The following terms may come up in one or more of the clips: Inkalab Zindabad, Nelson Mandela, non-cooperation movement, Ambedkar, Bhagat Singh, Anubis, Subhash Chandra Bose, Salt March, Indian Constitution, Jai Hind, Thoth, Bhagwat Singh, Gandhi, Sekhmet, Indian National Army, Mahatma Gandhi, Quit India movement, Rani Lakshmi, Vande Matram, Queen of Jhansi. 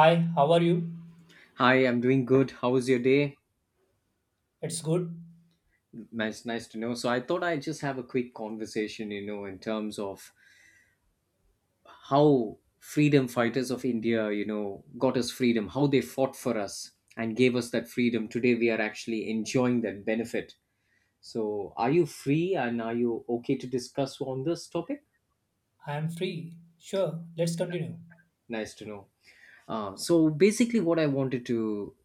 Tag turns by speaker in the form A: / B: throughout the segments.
A: Hi, how are you?
B: Hi, I'm doing good. How was your day?
A: It's good.
B: Nice, nice to know. So I thought I'd just have a quick conversation, in terms of how freedom fighters of India, got us freedom, how they fought for us and gave us that freedom. Today we are actually enjoying that benefit. So are you free and are you okay to discuss on this topic?
A: I am free. Sure, let's continue.
B: Nice to know. So basically, what I wanted to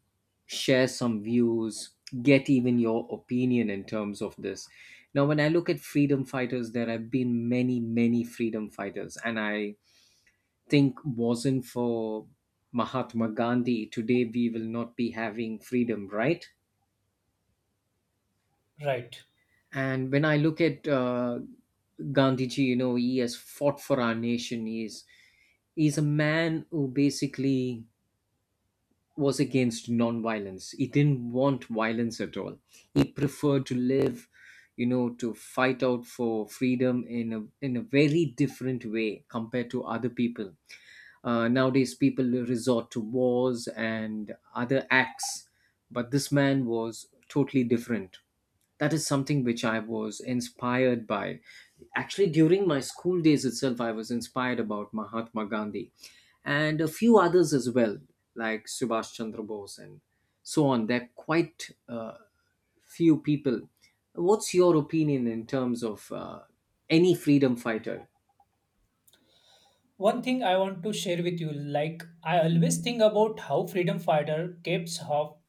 B: share some views, get even your opinion in terms of this. Now, when I look at freedom fighters, there have been many, many freedom fighters, and I think wasn't for Mahatma Gandhi, today we will not be having freedom, right?
A: Right.
B: And when I look at Gandhiji, he has fought for our nation. He's a man who basically was against non-violence. He didn't want violence at all. He preferred to live, to fight out for freedom in a very different way compared to other people. Nowadays, people resort to wars and other acts, but this man was totally different. That is something which I was inspired by. Actually, during my school days itself, I was inspired about Mahatma Gandhi, and a few others as well, like Subhash Chandra Bose and so on. They're quite few people. What's your opinion in terms of any freedom fighter?
A: One thing I want to share with you like, I always think about how freedom fighter keeps hope,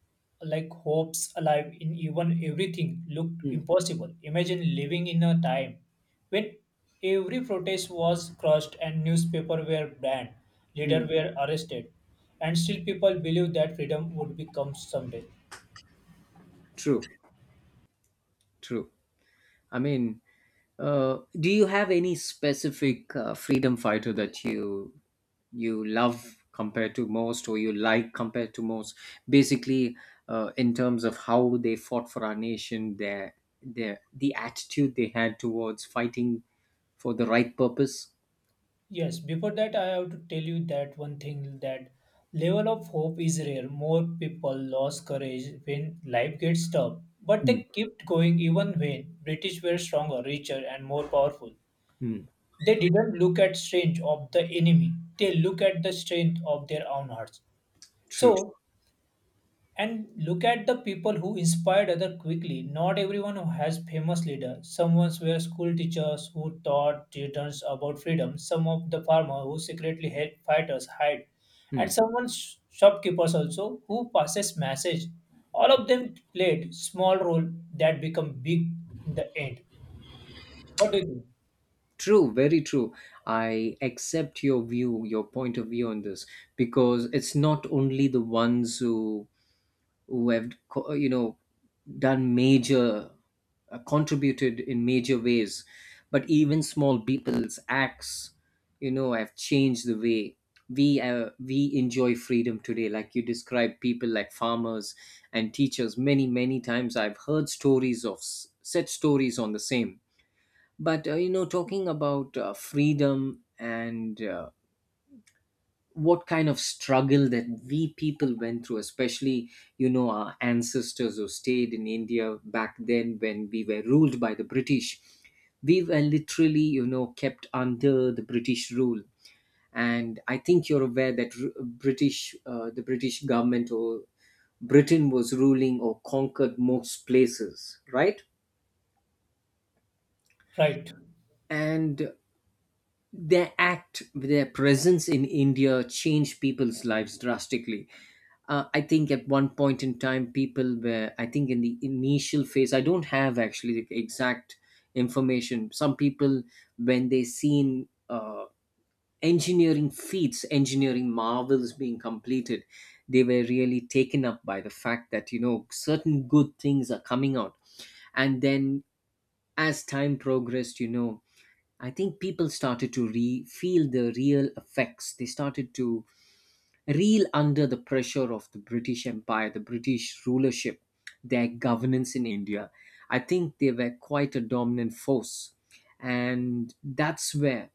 A: like hopes alive in even everything looked impossible. Imagine living in a time when every protest was crushed and newspaper were banned,
B: Hmm,
A: leaders were arrested, and still people believed that freedom would become someday.
B: true, true. I mean, do you have any specific freedom fighter that you love compared to most, or you like compared to most? Basically, in terms of how they fought for our nation, the attitude they had towards fighting for the right purpose.
A: Yes, before that, I have to tell you that one thing that level of hope is rare. More people lose courage when life gets tough, but
B: Hmm.
A: they kept going even when British were stronger, richer, and more powerful.
B: Hmm.
A: They didn't look at strength of the enemy; they look at the strength of their own hearts.
B: True.
A: So and look at the people who inspired other quickly. Not everyone who has famous leader. Someone's were school teachers who taught students about freedom. Some of the farmer who secretly helped fighters hide,
B: Hmm.
A: and someone's shopkeepers also who passes message. All of them played small role that become big in the end. What do you think?
B: True. Very true. I accept your view, your point of view on this, because it's not only the ones who have done major contributed in major ways, but even small people's acts, have changed the way we enjoy freedom today. Like you described, people like farmers and teachers, many, many times I've heard stories of such stories on the same. But talking about freedom and what kind of struggle that we people went through, especially, our ancestors who stayed in India back then when we were ruled by the British. We were literally, kept under the British rule. And I think you're aware that r- british the British government, or Britain, was ruling or conquered most places, right?
A: Right.
B: And their act, their presence in India changed people's lives drastically. I think at one point in time, people were, I think in the initial phase, I don't have actually the exact information. Some people, when they seen engineering feats, engineering marvels being completed, they were really taken up by the fact that, certain good things are coming out. And then, as time progressed, I think people started to feel the real effects. They started to reel under the pressure of the British Empire, the British rulership, their governance in India. I think they were quite a dominant force, and that's where,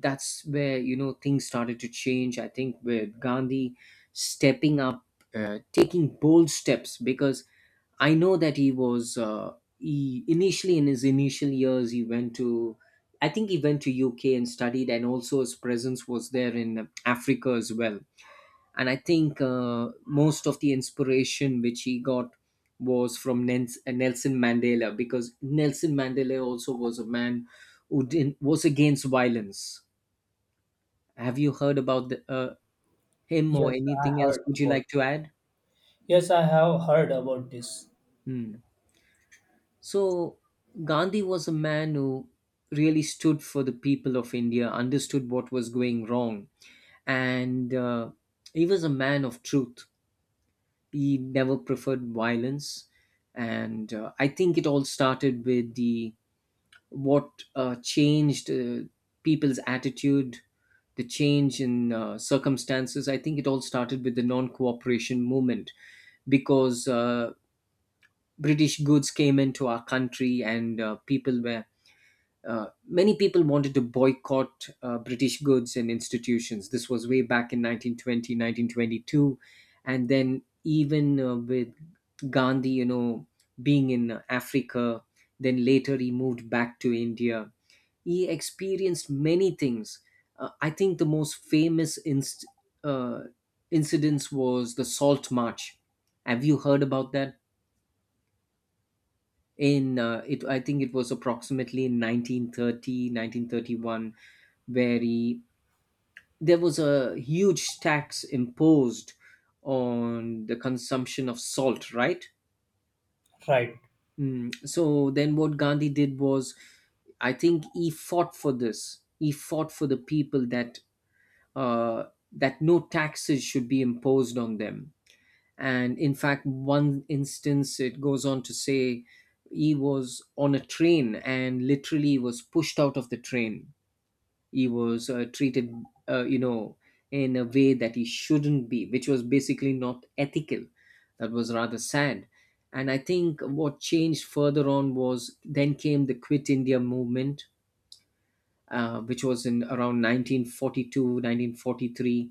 B: things started to change. I think with Gandhi stepping up, taking bold steps, because I know that he was he initially, in his initial years, he went to I think he went to UK and studied, and also his presence was there in Africa as well. And I think most of the inspiration which he got was from Nelson Mandela, because Nelson Mandela also was a man who didn't, was against violence. Have you heard about him or
A: Yes, I
B: anything else?
A: heard
B: Would you
A: about.
B: like to add?
A: Yes, I have heard about this.
B: Hmm. So, Gandhi was a man who really stood for the people of India, understood what was going wrong, and he was a man of truth. He never preferred violence, and I think it all started with the what changed people's attitude, the change in circumstances. I think it all started with the non-cooperation movement, because British goods came into our country, and people were many people wanted to boycott British goods and institutions. This was way back in 1920, 1922. And then, even with Gandhi, being in Africa, then later he moved back to India. He experienced many things. I think the most famous uh, incidents was the Salt March. Have you heard about that? I think it was approximately in 1930, 1931, where there was a huge tax imposed on the consumption of salt, right?
A: Right.
B: Mm. So then what Gandhi did was, I think he fought for this. He fought for the people that uh, that no taxes should be imposed on them. And in fact, one instance it goes on to say he was on a train and literally was pushed out of the train. He was treated uh, you know in a way that he shouldn't be, which was basically not ethical. That was rather sad. And I think what changed further on was then came the Quit India Movement, which was in around 1942 1943.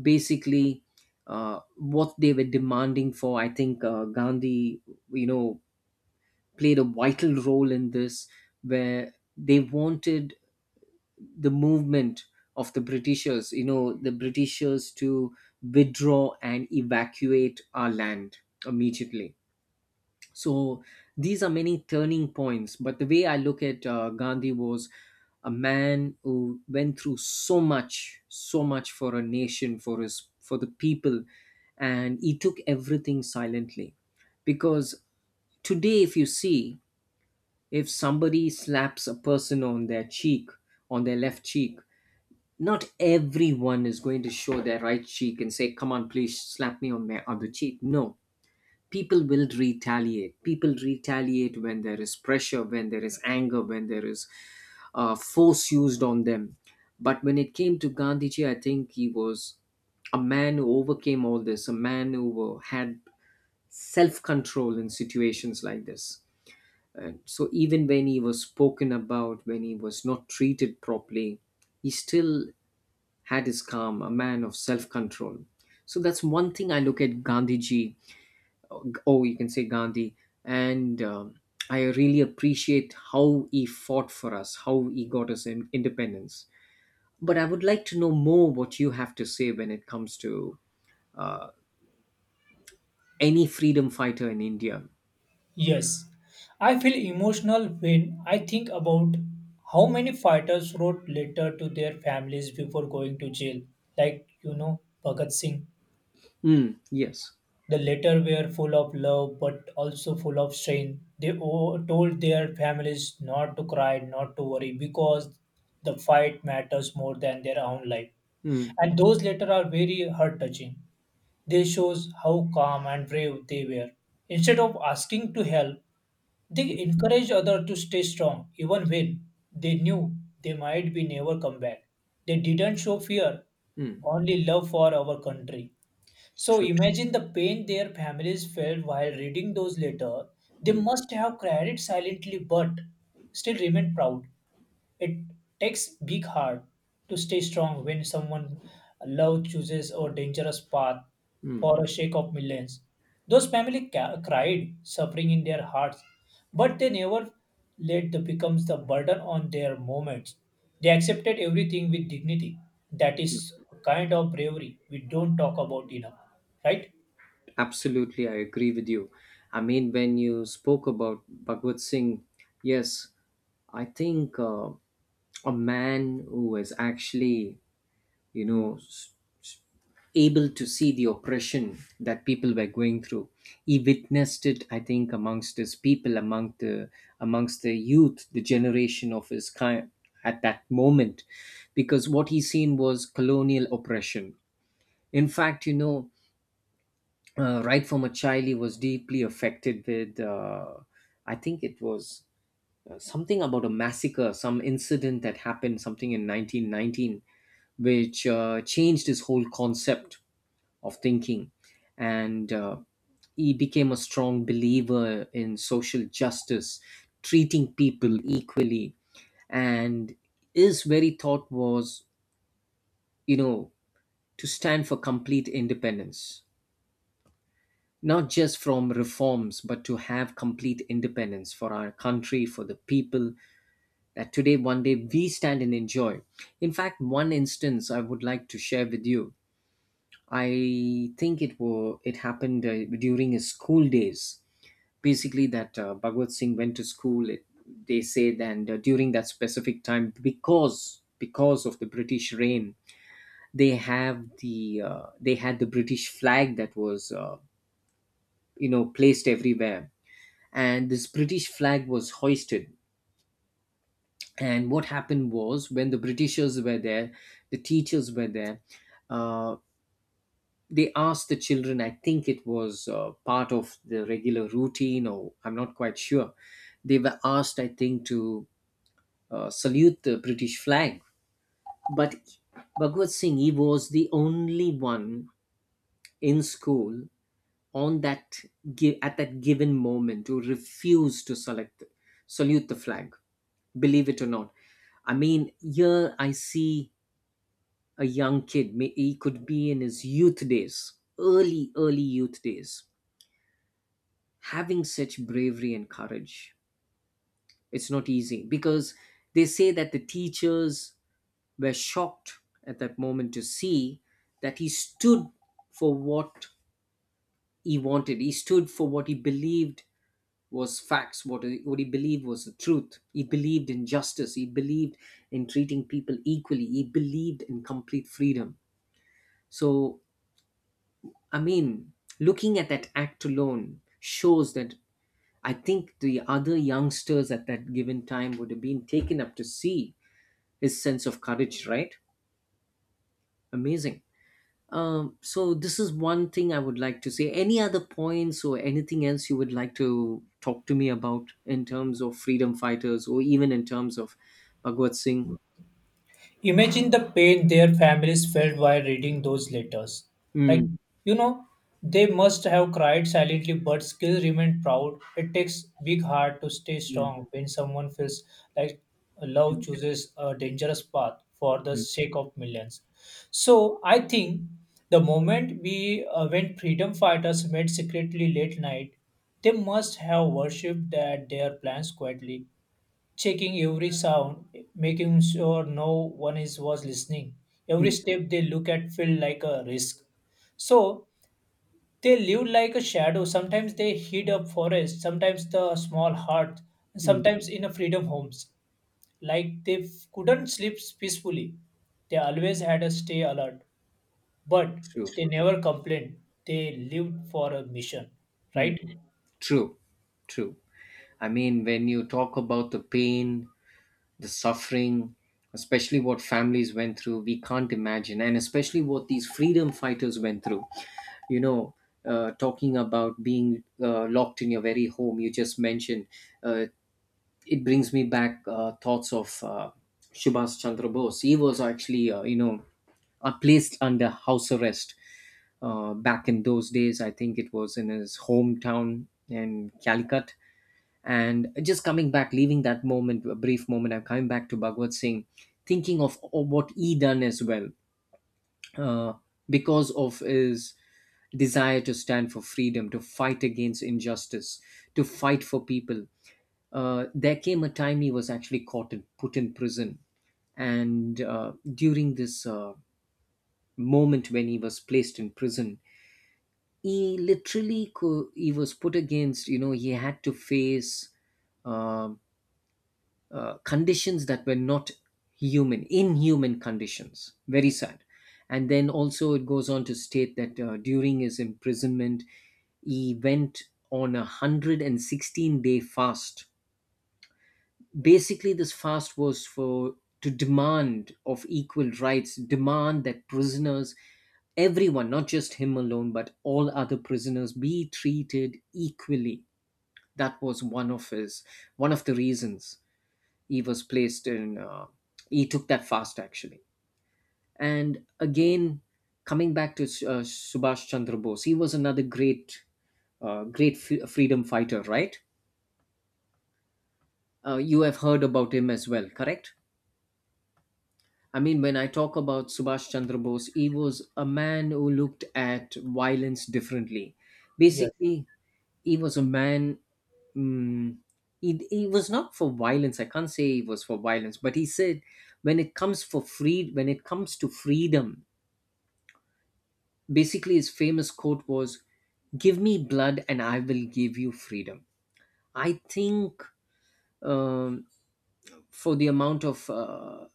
B: Basically, what they were demanding for, I think Gandhi, you know played a vital role in this, where they wanted the movement of the Britishers, to withdraw and evacuate our land immediately. So these are many turning points, but the way I look at Gandhi was a man who went through so much, so much for a nation, for his, for the people. And he took everything silently, because today if you see, if somebody slaps a person on their cheek, on their left cheek, not everyone is going to show their right cheek and say, "Come on, please slap me on my other cheek." No, people will retaliate. People retaliate when there is pressure, when there is anger, when there is force used on them. But when it came to Gandhiji, I think he was a man who overcame all this, a man who had self control in situations like this. And so even when he was spoken about, when he was not treated properly, he still had his calm, a man of self control. So that's one thing I look at Gandhiji, oh, you can say Gandhi, and I really appreciate how he fought for us, how he got us in independence. But I would like to know more what you have to say when it comes to any freedom fighter in India.
A: Yes, I feel emotional when I think about how many fighters wrote letter to their families before going to jail. Like, you know, Bhagat Singh.
B: Mm, yes.
A: The letter were full of love but also full of strain. They told their families not to cry, not to worry because the fight matters more than their own life.
B: Mm,
A: And those letters are very heart touching. They shows how calm and brave they were. Instead of asking to help, they encouraged others to stay strong even when they knew they might be never come back. They didn't show fear,
B: mm,
A: only love for our country. So
B: true.
A: imagine the pain their families felt while reading those letters.
B: Mm,
A: They
B: mm.
A: must have cried silently but still remained proud. It takes big heart to stay strong when someone love chooses a dangerous path for a shake of millions. Those family cried, suffering in their hearts, but they never let the becomes the burden on their moments. They accepted everything with dignity. That is a kind of bravery we don't talk about enough, right?
B: Absolutely, I agree with you. I mean, when you spoke about Bhagwat Singh, yes, I think a man who is actually, you know, s- able to see the oppression that people were going through. He witnessed it, I think, amongst his people, among the amongst the youth, the generation of his kind at that moment, because what he seen was colonial oppression. In fact, right from a child, he was deeply affected with, I think it was something about a massacre, some incident that happened, something in 1919, which changed his whole concept of thinking. And he became a strong believer in social justice, treating people equally, and his very thought was, you know, to stand for complete independence, not just from reforms, but to have complete independence for our country, for the people, that today one day we stand and enjoy. In fact, one instance I would like to share with you. I think it happened during his school days. Basically, that Bhagwat Singh went to they said, and during that specific time, because of the British reign, they had the British flag that was placed everywhere, and this British flag was hoisted. And what happened was, when the Britishers were there, the teachers were there, uh, they asked the children, I think it was part of the regular routine, or I'm not quite sure. They were asked, I think, to salute the British flag. But Bhagwat Singh, he was the only one in school on at that given moment who refused to select salute the flag, believe it or not. I mean, here I see a young kid, he could be in his youth days, early, early youth days, having such bravery and courage. It's not easy, because they say that the teachers were shocked at that moment to see that he stood for what he wanted, he stood for what he believed was facts, what he believed was the truth. He believed in justice. He believed in treating people equally. He believed in complete freedom. So, I mean, looking at that act alone shows that I think the other youngsters at that given time would have been taken up to see his sense of courage, right? Amazing. So this is one thing I would like to say. Any other points or anything else you would like to talk to me about in terms of freedom fighters or even in terms of Bhagwat Singh?
A: Imagine the pain their families felt while reading those letters. Like,
B: Mm,
A: you know, they must have cried silently but still remained proud. It takes big heart to stay
B: mm,
A: strong when someone feels like love
B: mm,
A: chooses a dangerous path for the
B: mm,
A: sake of millions. So I think the moment we when freedom fighters met secretly late night, they must have worshipped at their plans quietly checking every sound, making sure no one is was listening. Every
B: mm,
A: step they look at feel like a risk. So they live like a shadow. Sometimes they hid a forest, sometimes the small hut, and
B: mm.
A: sometimes in a freedom homes. Like they couldn't sleep peacefully. They always had a stay alert, but
B: True.
A: they never complained. They lived for a mission,
B: Mm.
A: right?
B: True, true. I mean, when you talk about the pain, the suffering, especially what families went through, we can't imagine, and especially what these freedom fighters went through. you know Talking about being locked in your very home you just mentioned, uh, it brings me back thoughts of Subhash Chandra Bose. He was actually placed under house arrest back in those days. I think it was in his hometown in Calicut. And just coming back, leaving that moment, a brief moment, I'm coming back to Bhagwat Singh, thinking of what he done as well, uh, because of his desire to stand for freedom, to fight against injustice, to fight for people. There came a time he was actually caught and put in prison. And during this moment when he was placed in prison, he literally he was put against. You know, he had to face um conditions that were not human, inhuman conditions. Very sad. And then also it goes on to state that during his imprisonment, he went on a 116-day fast. Basically, this fast was for to demand of equal rights, demand that prisoners, everyone, not just him alone, but all other prisoners, be treated equally. That was one of the reasons he was placed in he took that fast actually. And again, coming back to Subhash Chandra Bose, he was another great freedom fighter, right? You have heard about him as well, correct? I mean, when I talk about Subhash Chandra Bose, he was a man who looked at violence differently.
A: Yes,
B: Basically, he was a man. Mm, he was not for violence. I can't say he was for violence, but he said, when it comes to freedom, basically his famous quote was, "Give me blood, and I will give you freedom." I think, um, for the amount of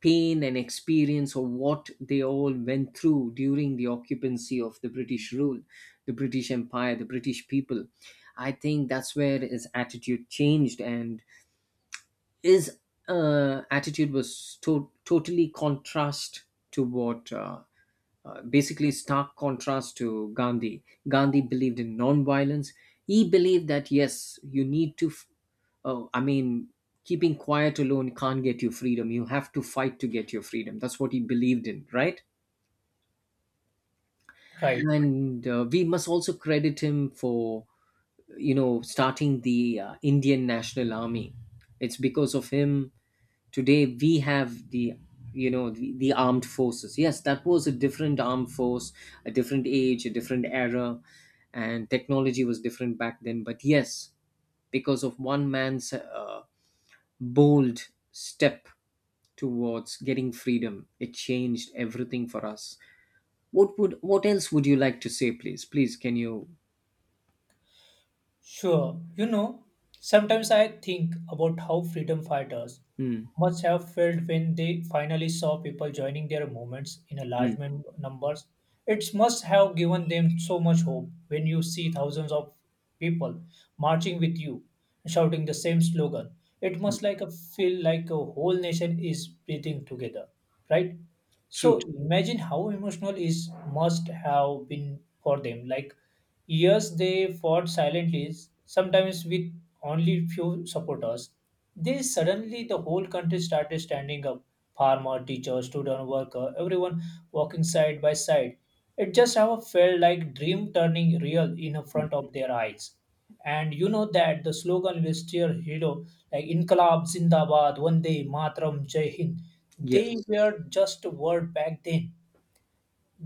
B: pain and experience of what they all went through during the occupancy of the British rule, the British Empire, the British people. I think that's where his attitude changed, and his attitude was totally contrast to what, basically stark contrast to Gandhi. Gandhi believed in non-violence. He believed that yes, you need to. F- I mean, keeping quiet alone can't get you freedom. You have to fight to get your freedom. That's what he believed in, right?
A: right.
B: And we must also credit him for starting the Indian National Army. It's because of him today we have the you know the armed forces, yes. That was a different armed force, a different age, a different era, and technology was different back then, but yes. Because of one man's bold step towards getting freedom, it changed everything for us. What else would you like to say? Please, can you?
A: Sure, you know, sometimes I think about how freedom fighters
B: Hmm.
A: must have felt when they finally saw people joining their movements in a
B: Hmm.
A: large numbers. It must have given them so much hope when you see thousands of people marching with you, shouting the same slogan. It must like a feel like a whole nation is breathing together, right? So
B: True.
A: imagine how emotional is must have been for them. Like years they fought silently, sometimes with only few supporters. They suddenly the whole country started standing up. Farmer, teacher, student, worker, everyone walking side by side. It just ever felt like dream turning real in front of their eyes. And you know that the slogan we still hero like Inkalab Zindabad, Vande Matram, Jai Hind, they
B: Yes.
A: were just a word back then.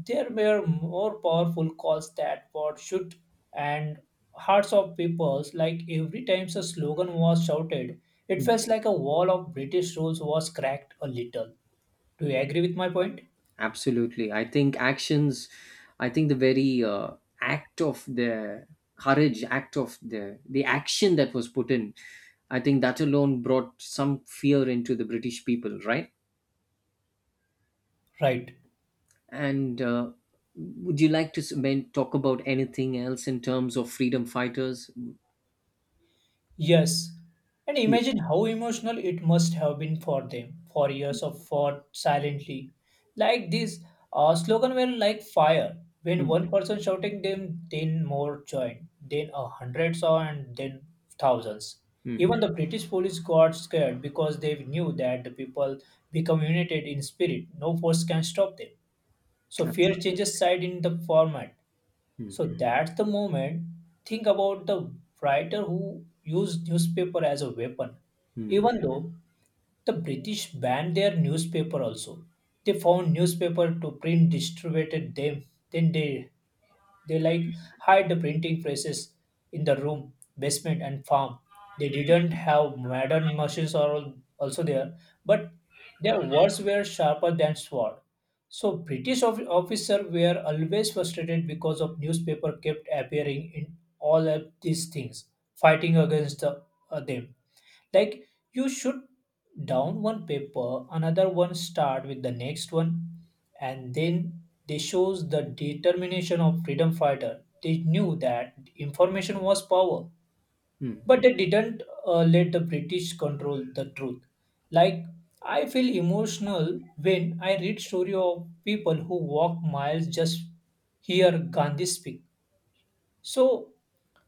A: There were more powerful calls that were shoot and hearts of peoples like every time a slogan was shouted, it
B: Hmm.
A: felt like a wall of British rules was cracked a little. Do you agree with my point?
B: Absolutely. I think actions, I think the very act of the courage, act of the action that was put in, I think that alone brought some fear into the British people, right?
A: Right.
B: And would you like to talk about anything else in terms of freedom fighters?
A: Yes, and
B: Please.
A: imagine how emotional it must have been for them for years of fought silently. Like this, slogan were like fire. When
B: Mm,
A: one person shouting them, then more joined, then 100 saw, and then thousands.
B: mm,
A: Even the British police got scared because they knew that the people become united in spirit. No force can stop them. So fear
B: absolutely.
A: changes side in the format.
B: Mm,
A: So that's the moment. Think about the writer who used newspaper as a weapon.
B: mm,
A: Even though the British banned their newspaper also, they found newspaper to print distributed them. Then they like hide the printing presses in the room, basement, and farm. They didn't have modern machines are also there, but their words were sharper than sword. So British officer were always frustrated because of newspaper kept appearing in all of these things, fighting against the them like you should down one paper, another one start with the next one, and then they shows the determination of freedom fighter. They knew that information was power,
B: mm,
A: but they didn't let the British control the truth. Like I feel emotional when I read story of people who walk miles just hear Gandhi speak so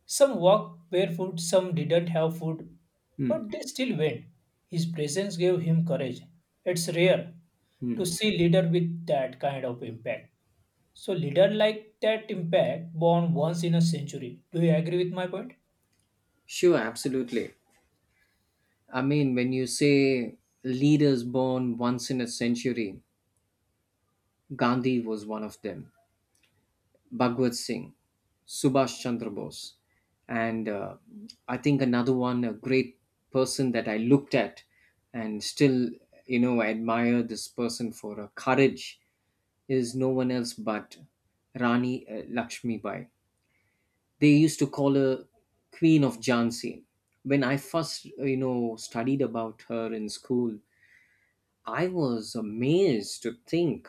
A: some walked barefoot, some didn't have food,
B: mm.
A: but they still went. His presence gave him courage. It's rare to see leader with that kind of impact. So leader like that impact born once in a century. Do you agree with my point?
B: Sure, absolutely. I mean, when you say leaders born once in a century, Gandhi was one of them, Bhagwat Singh, Subhash Chandra Bose. And I think another one, a great person that I looked at and still, you know, admire this person for her courage is no one else but Rani Lakshmi. They used to call her Queen of Jhansi. When I first, you know, studied about her in school, I was amazed to think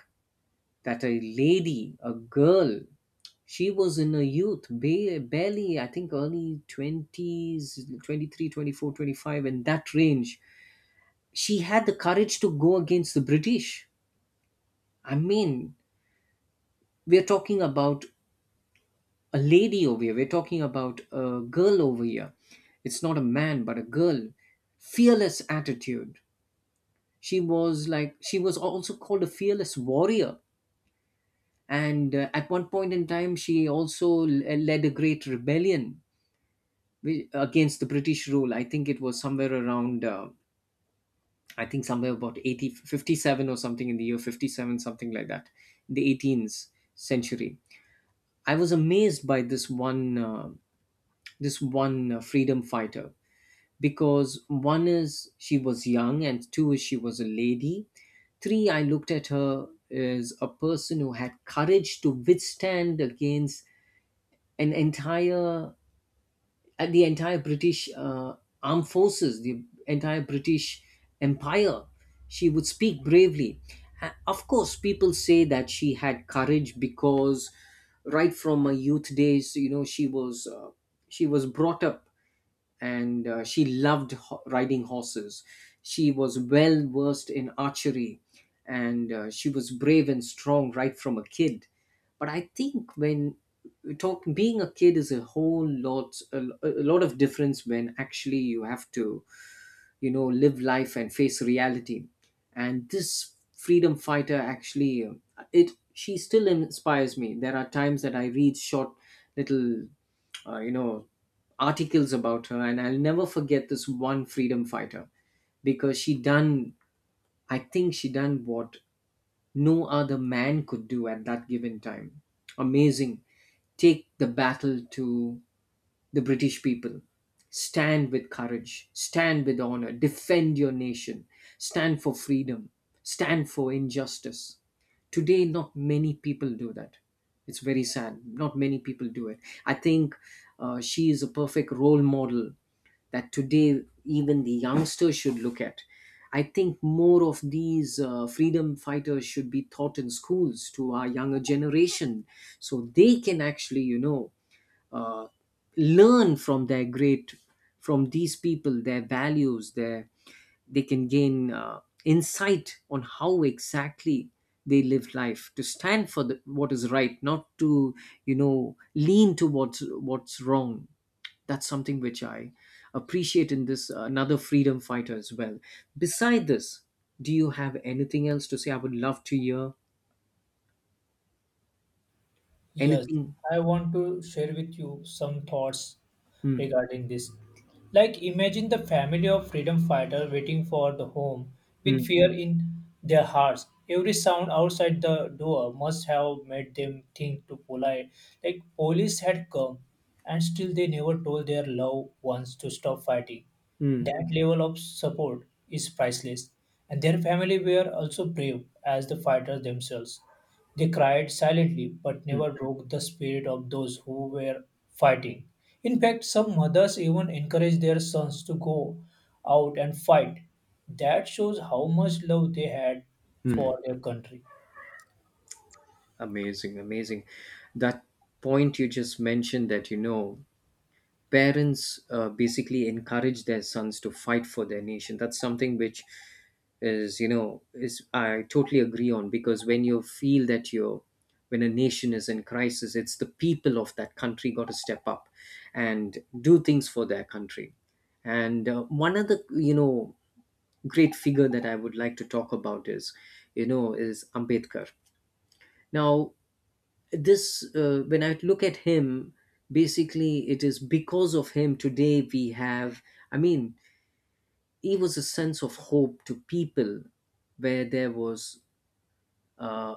B: that a lady, a girl, she was in her youth, barely, I think, early 20s, 24, 25, in that range. She had the courage to go against the British. I mean, we're talking about a lady over here, we're talking about a girl over here. It's not a man, but a girl. Fearless attitude. She was, like, she was also called a fearless warrior, and at one point in time she also led a great rebellion against the British rule. I think it was somewhere around, I think somewhere about 80 57 or something, in the year 57, something like that, in the 18th century. I was amazed by this one freedom fighter, because one is she was young, and two is she was a lady, three I looked at her as a person who had courage to withstand against an entire the entire British armed forces, the entire British Empire. She would speak bravely. Of course, people say that she had courage because right from her youth days, you know, she was brought up, and she loved riding horses. She was well versed in archery, and she was brave and strong right from a kid. But I think when we talk, being a kid is a whole lot, a lot of difference when actually you have to, you know, live life and face reality. And this freedom fighter actually, it she still inspires me. There are times that I read short, little, uh, you know articles about her, and I'll never forget this one freedom fighter because she done, I think she done what no other man could do at that given time. Amazing. Take the battle to the British people. Stand with courage, stand with honor, defend your nation, stand for freedom, stand for injustice. Today, not many people do that. It's very sad. Not many people do it. I think she is a perfect role model that today even the youngsters should look at. I think more of these freedom fighters should be taught in schools to our younger generation, so they can actually, you know, uh, learn from their great from these people, their values, their they can gain insight on how exactly they live life to stand for what is right, not to, you know, lean towards what's wrong. That's something which I appreciate in this, another freedom fighter as well. Beside this, do you have anything else to say? I would love to hear
A: Yes,
B: anything.
A: I want to share with you some thoughts
B: Hmm,
A: regarding this. Like, imagine the family of freedom fighter waiting for the home with
B: hmm,
A: fear in their hearts. Every sound outside the door must have made them think to polite. Like, police had come, and still they never told their loved ones to stop fighting.
B: hmm,
A: That level of support is priceless, and their family were also brave as the fighters themselves. They cried silently but
B: hmm.
A: never broke the spirit of those who were fighting. In fact, some mothers even encouraged their sons to go out and fight. That shows how much love they had for their country.
B: Amazing, amazing. That point you just mentioned, that, you know, parents, basically encourage their sons to fight for their nation. That's something which is, you know, is I totally agree on, because when you feel that you're when a nation is in crisis, it's the people of that country got to step up and do things for their country. And one other, you know, great figure that I would like to talk about is, you know, is Ambedkar. Now, this when I look at him, basically, it is because of him today we have, I mean, he was a sense of hope to people where there was uh,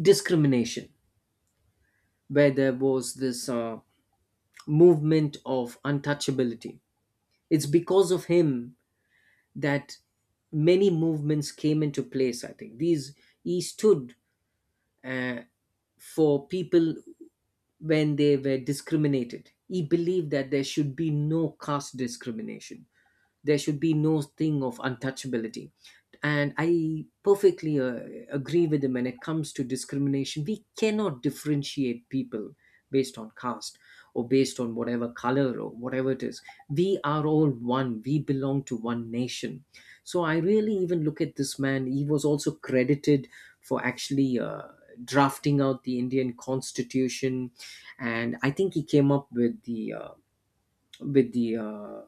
B: discrimination, where there was this movement of untouchability. It's because of him that many movements came into place. I think these he stood uh, for people when they were discriminated. He believed that there should be no caste discrimination, there should be no thing of untouchability. And I perfectly agree with him. When it comes to discrimination, we cannot differentiate people based on caste, or based on whatever color or whatever it is. We are all one, we belong to one nation. So I really even look at this man. He was also credited for actually drafting out the Indian Constitution. And I think he came up with the with the uh,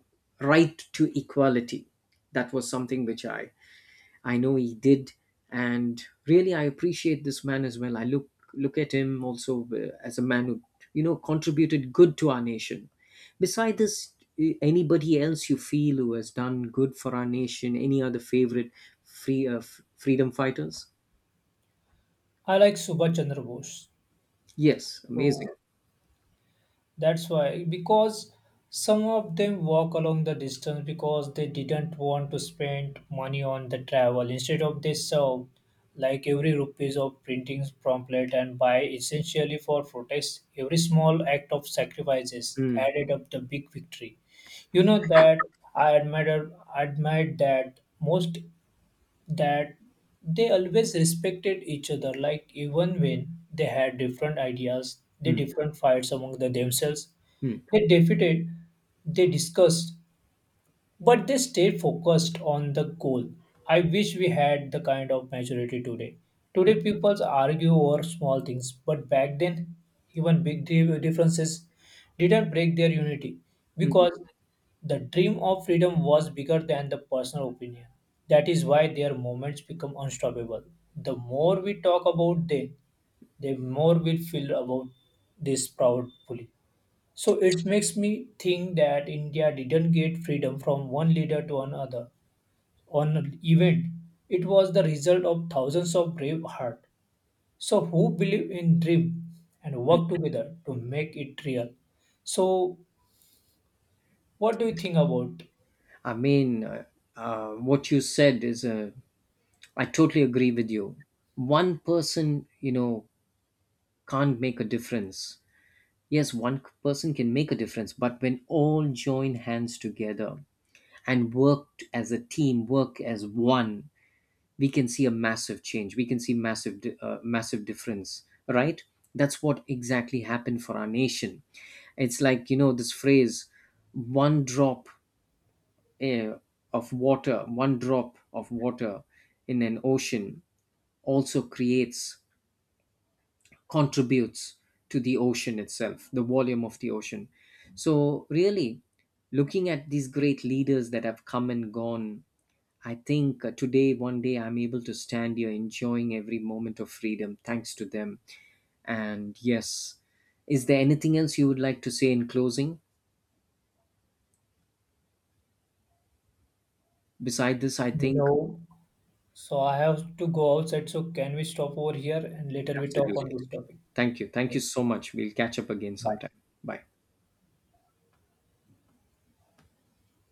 B: right to equality. That was something which I know he did, and really I appreciate this man as well. I look at him also as a man who, you know, contributed good to our nation. Besides this, anybody else you feel who has done good for our nation? Any other favorite freedom fighters?
A: I like Subhash Chandra Bose.
B: Yes,
A: So
B: amazing.
A: that's why, because some of them walk along the distance because they didn't want to spend money on the travel. Instead of they served like every rupees of printing pamphlet and buy essentially for protest. Every small act of sacrifices
B: Mm,
A: added up the big victory. You know that I admire that most that they always respected each other like even when they had different ideas the
B: mm,
A: different fights among the themselves
B: mm,
A: they defeated they discussed but they stayed focused on the goal. I wish we had the kind of maturity today. Today, people argue over small things, but back then, even big differences didn't break their unity because
B: mm.
A: the dream of freedom was bigger than the personal opinion. That is why their moments become unstoppable. The more we talk about them, the more we feel about this proudly. So it makes me think that India didn't get freedom from one leader to another on an event. It was the result of thousands of brave heart. So who believe in dream and work together to make it real. So what do you think about?
B: I mean, what you said is a I totally agree with you. One person, you know, can't make a difference. Yes, one person can make a difference, but when all join hands together and work as a team, work as one, we can see a massive change. We can see massive difference. Right? That's what exactly happened for our nation. It's like, you know, this phrase: one drop eh, one drop of water in an ocean also creates contributes to the ocean itself, the volume of the ocean. So, really, looking at these great leaders that have come and gone, I think today, one day, I'm able to stand here enjoying every moment of freedom thanks to them. And yes, is there anything else you would like to say in closing? Beside this, I think.
A: No. So I have to go outside. So can we stop over here and later we talk on
B: Absolutely.
A: this topic?
B: Thank you. Thank you so much. We'll catch up again sometime. Bye.